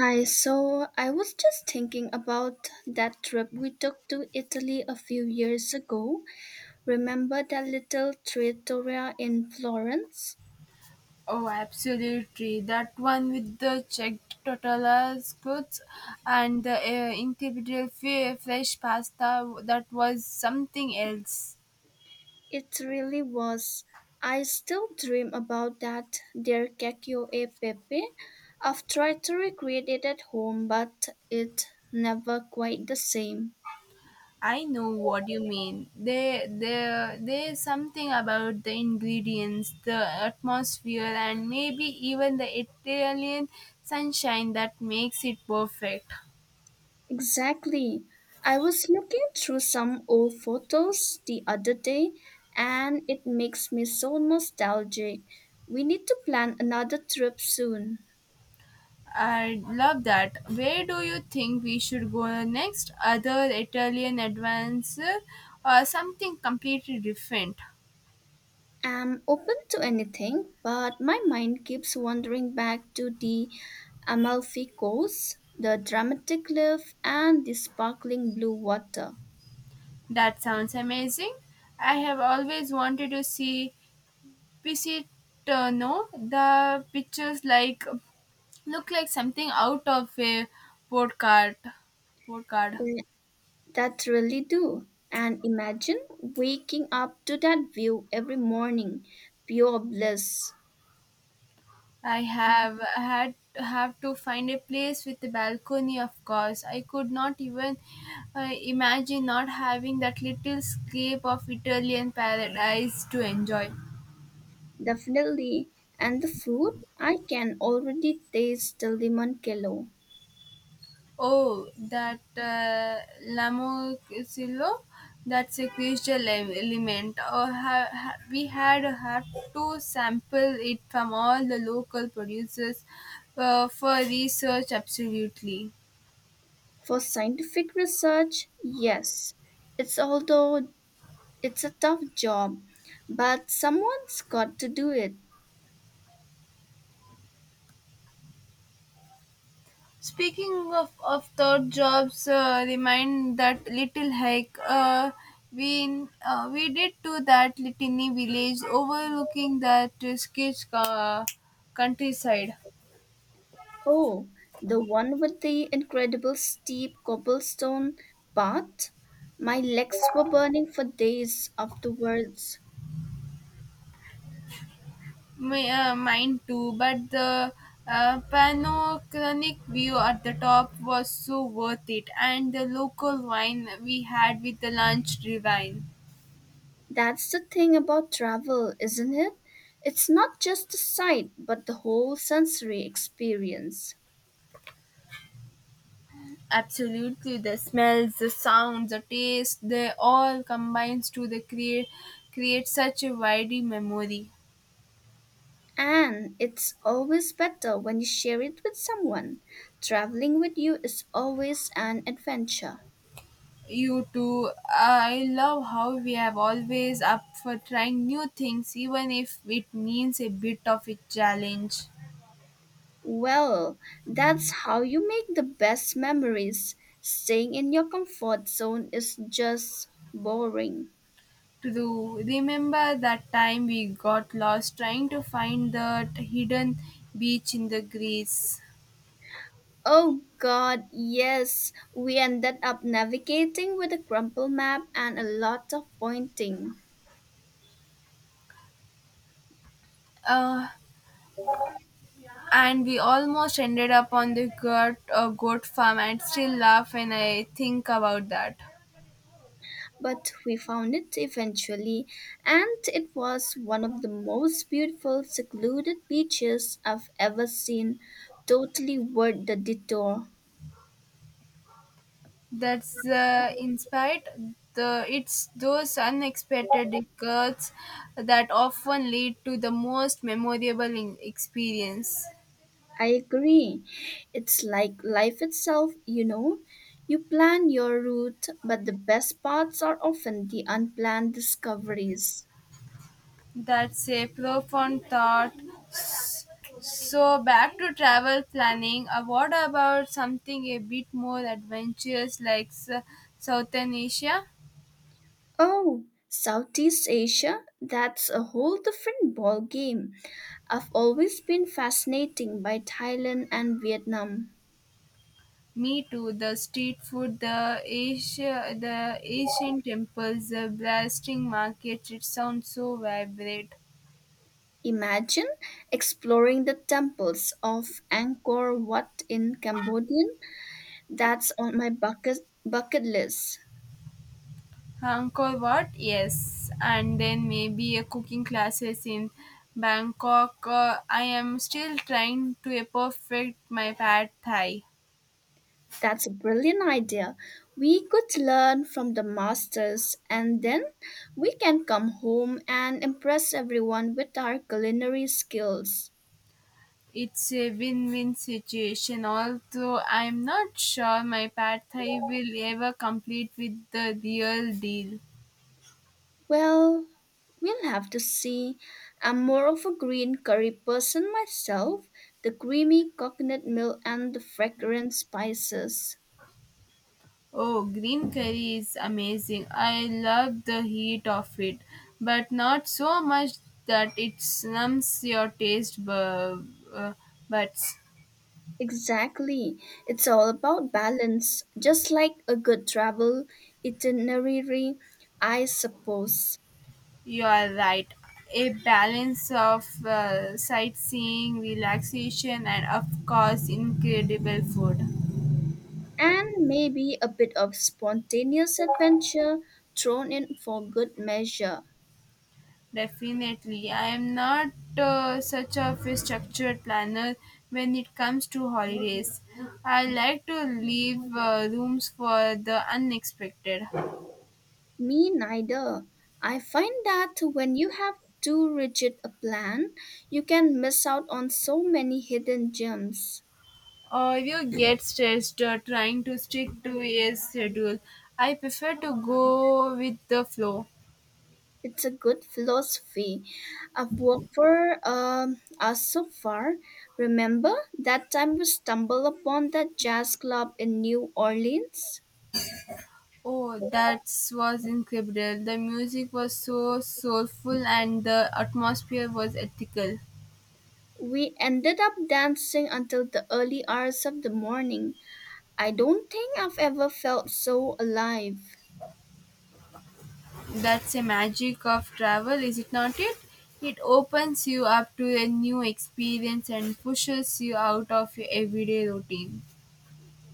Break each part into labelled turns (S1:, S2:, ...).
S1: Hi, so I was just thinking about that trip we took to Italy a few years ago. Remember that little trattoria in Florence?
S2: Oh, absolutely. That one with the checked tortillas goods and the fresh pasta, that was something else.
S1: It really was. I still dream about that their cacchio e pepe. I've tried to recreate it at home, but it never quite the same.
S2: I know what you mean. There's something about the ingredients, the atmosphere, and maybe even the Italian sunshine that makes it perfect.
S1: Exactly. I was looking through some old photos the other day and it makes me so nostalgic. We need to plan another trip soon.
S2: I love that. Where do you think we should go next? Other Italian adventure or something completely different?
S1: I'm open to anything, but my mind keeps wandering back to the Amalfi Coast, the dramatic cliff, and the sparkling blue water.
S2: That sounds amazing. I have always wanted to see Pisitano. The pictures like look like something out of a postcard. Postcard.
S1: Th- That really do. And imagine waking up to that view every morning. Pure bliss.
S2: I have had have to find a place with a balcony of course. I could not even imagine not having that little scape of Italian paradise to enjoy.
S1: Definitely. And the food? I can already taste the lemon kilo.
S2: Oh, that Lamosillo, that's a crucial element. Oh, we had had to sample it from all the local producers for research absolutely.
S1: For scientific research, yes. It's although it's a tough job, but someone's got to do it.
S2: Speaking of thought jobs, remind that little hike we did to that litany village overlooking that sketch countryside.
S1: Oh, the one with the incredible steep cobblestone path? My legs were burning for days afterwards.
S2: Mine too, but the panoramic view at the top was so worth it, and the local wine we had with the lunch divine.
S1: That's the thing about travel, isn't it? It's not just the sight, but the whole sensory experience.
S2: Absolutely, the smells, the sound, the taste, they all combines to the create create such a wide memory.
S1: And it's always better when you share it with someone. Traveling with you is always an adventure.
S2: You too. I love how we have always up for trying new things, even if it means a bit of a challenge.
S1: Well, that's how you make the best memories. Staying in your comfort zone is just boring.
S2: True. Remember that time we got lost trying to find that hidden beach in the Greece.
S1: Oh god, yes, we ended up navigating with a crumpled map and a lot of pointing.
S2: Uh, and we almost ended up on the goat farm and still laugh when I think about that.
S1: But we found it eventually, and it was one of the most beautiful secluded beaches I've ever seen, totally worth the detour.
S2: That's in spite the it's those unexpected occurs that often lead to the most memorable experience.
S1: I agree. It's like life itself, you know. You plan your route, but the best parts are often the unplanned discoveries.
S2: That's a profound thought. S- so back to travel planning, what about something a bit more adventurous like southern asia?
S1: Oh, Southeast Asia? That's a whole different ball game. I've always been fascinated by Thailand and Vietnam.
S2: Me too. The street food, the Asian temples, the blasting markets. It sounds so vibrant.
S1: Imagine exploring the temples of Angkor Wat in Cambodia. That's on my bucket list.
S2: Angkor Wat, yes, and then maybe a cooking classes in Bangkok. I am still trying to a perfect my pad thai.
S1: That's a brilliant idea. We could learn from the masters and then we can come home and impress everyone with our culinary skills.
S2: It's a win-win situation. Although I'm not sure my pad thai will ever complete with the real deal.
S1: Well, we'll have to see. I'm more of a green curry person myself, the creamy coconut milk and the fragrant spices.
S2: Oh, green curry is amazing. I love the heat of it, but not so much that it numbs your uh, buds.
S1: Exactly. It's all about balance, just like a good travel itinerary, I suppose.
S2: You are right. A balance of sightseeing, relaxation, and of course, incredible food.
S1: And maybe a bit of spontaneous adventure thrown in for good measure.
S2: Definitely. I am not such of a structured planner when it comes to holidays. I like to leave rooms for the unexpected.
S1: Me neither. I find that when you have too rigid a plan, you can miss out on so many hidden gems.
S2: Or you get stressed trying to stick to a schedule. I prefer to go with the flow.
S1: It's a good philosophy. I've worked for us so far. Remember that time we stumbled upon that jazz club in New Orleans?
S2: Oh, that was incredible. The music was so soulful and the atmosphere was ethical.
S1: We ended up dancing until the early hours of the morning. I don't think I've ever felt so alive.
S2: That's the magic of travel, is it not it? It opens you up to a new experience and pushes you out of your everyday routine.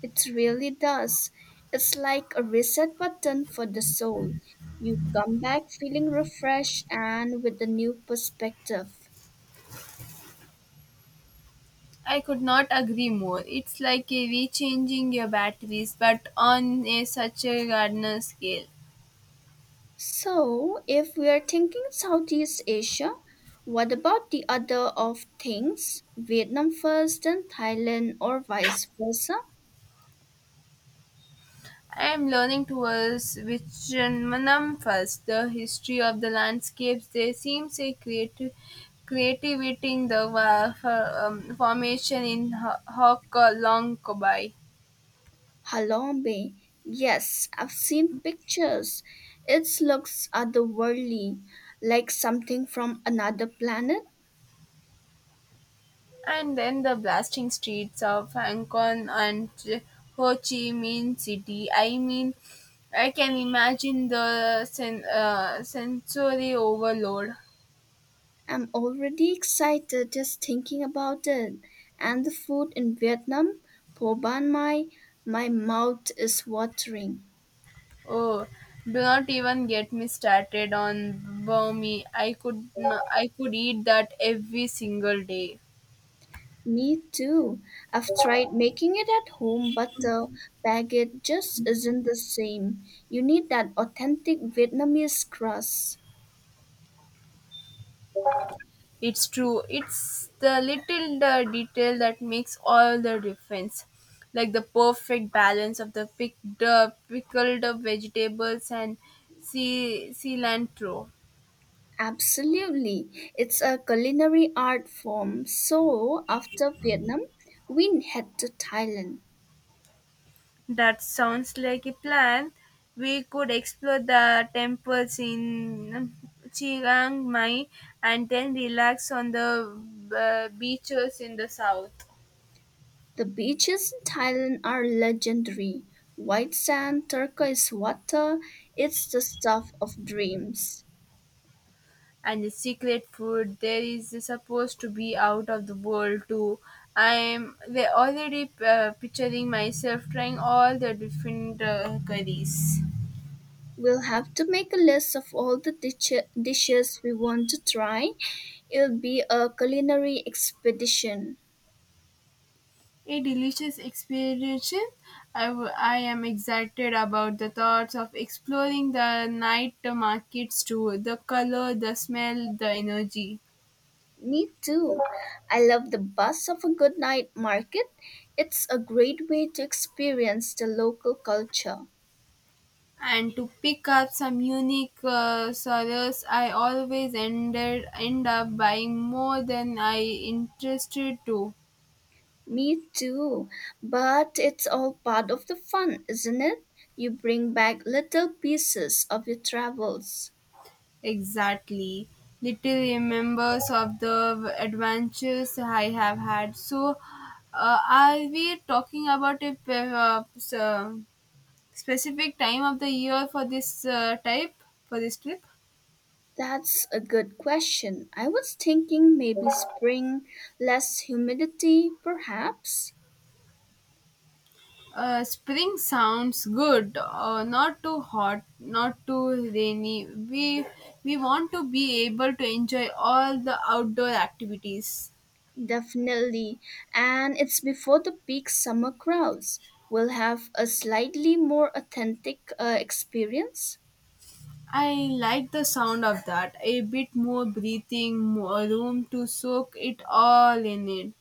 S1: It really does. It's like a reset button for the soul. You come back feeling refreshed and with a new perspective.
S2: I could not agree more. It's like a rechanging your batteries, but on a such a gardener scale.
S1: So, if we are thinking Southeast Asia, what about the other of things? Vietnam first, then Thailand, or vice versa?
S2: I am learning towards Vichanmanam first, the history of the landscapes. There seems a creative creativity in the formation in Hokalong Kobai.
S1: Halong Bay. Yes, I've seen pictures. It looks otherworldly, like something from another planet.
S2: And then the blasting streets of Hong Kong and Ho Chi Minh City. I mean, I can imagine the sensory overload.
S1: I'm already excited just thinking about it. And the food in Vietnam, po ban mai, my mouth is watering.
S2: Oh, do not even get me started on Burmese. I could eat that every single day.
S1: Me too. I've tried making it at home, but the baguette just isn't the same. You need that authentic Vietnamese crust.
S2: It's true. It's the little detail that makes all the difference. Like the perfect balance of the pickled vegetables and cilantro.
S1: Absolutely. It's a culinary art form. So, after Vietnam, we head to Thailand.
S2: That sounds like a plan. We could explore the temples in Chiang Mai and then relax on the beaches in the south.
S1: The beaches in Thailand are legendary. White sand, turquoise water, it's the stuff of dreams.
S2: And the secret food there is supposed to be out of the world too. I'm they already picturing myself trying all the different curries.
S1: We'll have to make a list of all the dishes we want to try. It'll be a culinary expedition.
S2: A delicious experience. I am excited about the thoughts of exploring the night markets too, the color, the smell, the energy.
S1: Me too. I love the buzz of a good night market. It's a great way to experience the local culture.
S2: And to pick up some unique sorrows. I always end up buying more than I interested to.
S1: Me too. But it's all part of the fun, isn't it? You bring back little pieces of your travels.
S2: Exactly, little remembers of the adventures I have had. So are we talking about a specific time of the year for this type for this trip?
S1: That's a good question. I was thinking maybe spring, less humidity, perhaps?
S2: Spring sounds good. Not too hot, not too rainy. We want to be able to enjoy all the outdoor activities.
S1: Definitely. And it's before the peak summer crowds. We'll have a slightly more authentic experience.
S2: I like the sound of that. A bit more breathing, more room to soak it all in it.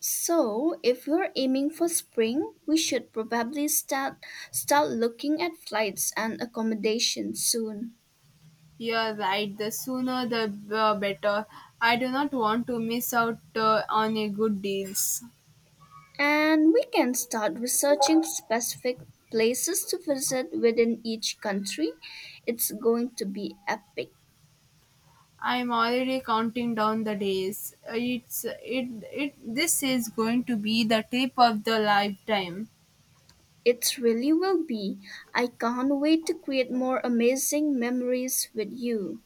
S1: So, if you're aiming for spring, we should probably start looking at flights and accommodation soon.
S2: You're right. The sooner the better. I do not want to miss out on a good deals.
S1: And we can start researching specific places to visit within each country. It's going to be epic.
S2: I'm already counting down the days. It's it it. This is going to be the trip of the lifetime.
S1: It really will be. I can't wait to create more amazing memories with you.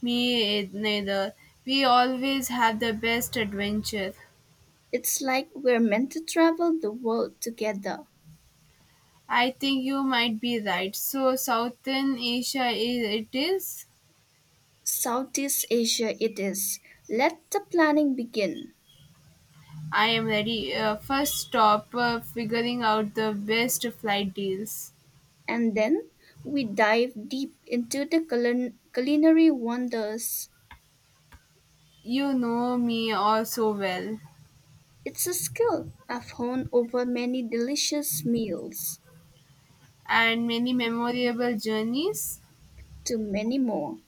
S2: Me neither. We always have the best adventure.
S1: It's like we're meant to travel the world together.
S2: I think you might be right. So Southern Asia is it is.
S1: Southeast Asia it is. Let the planning begin.
S2: I am ready. First stop, figuring out the best flight deals.
S1: And then we dive deep into the culinary wonders.
S2: You know me all so well,
S1: It's a skill I've honed over many delicious meals.
S2: and many memorable journeys.
S1: To many more.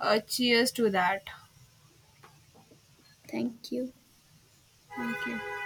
S2: Cheers to that.
S1: Thank you.
S2: Thank you.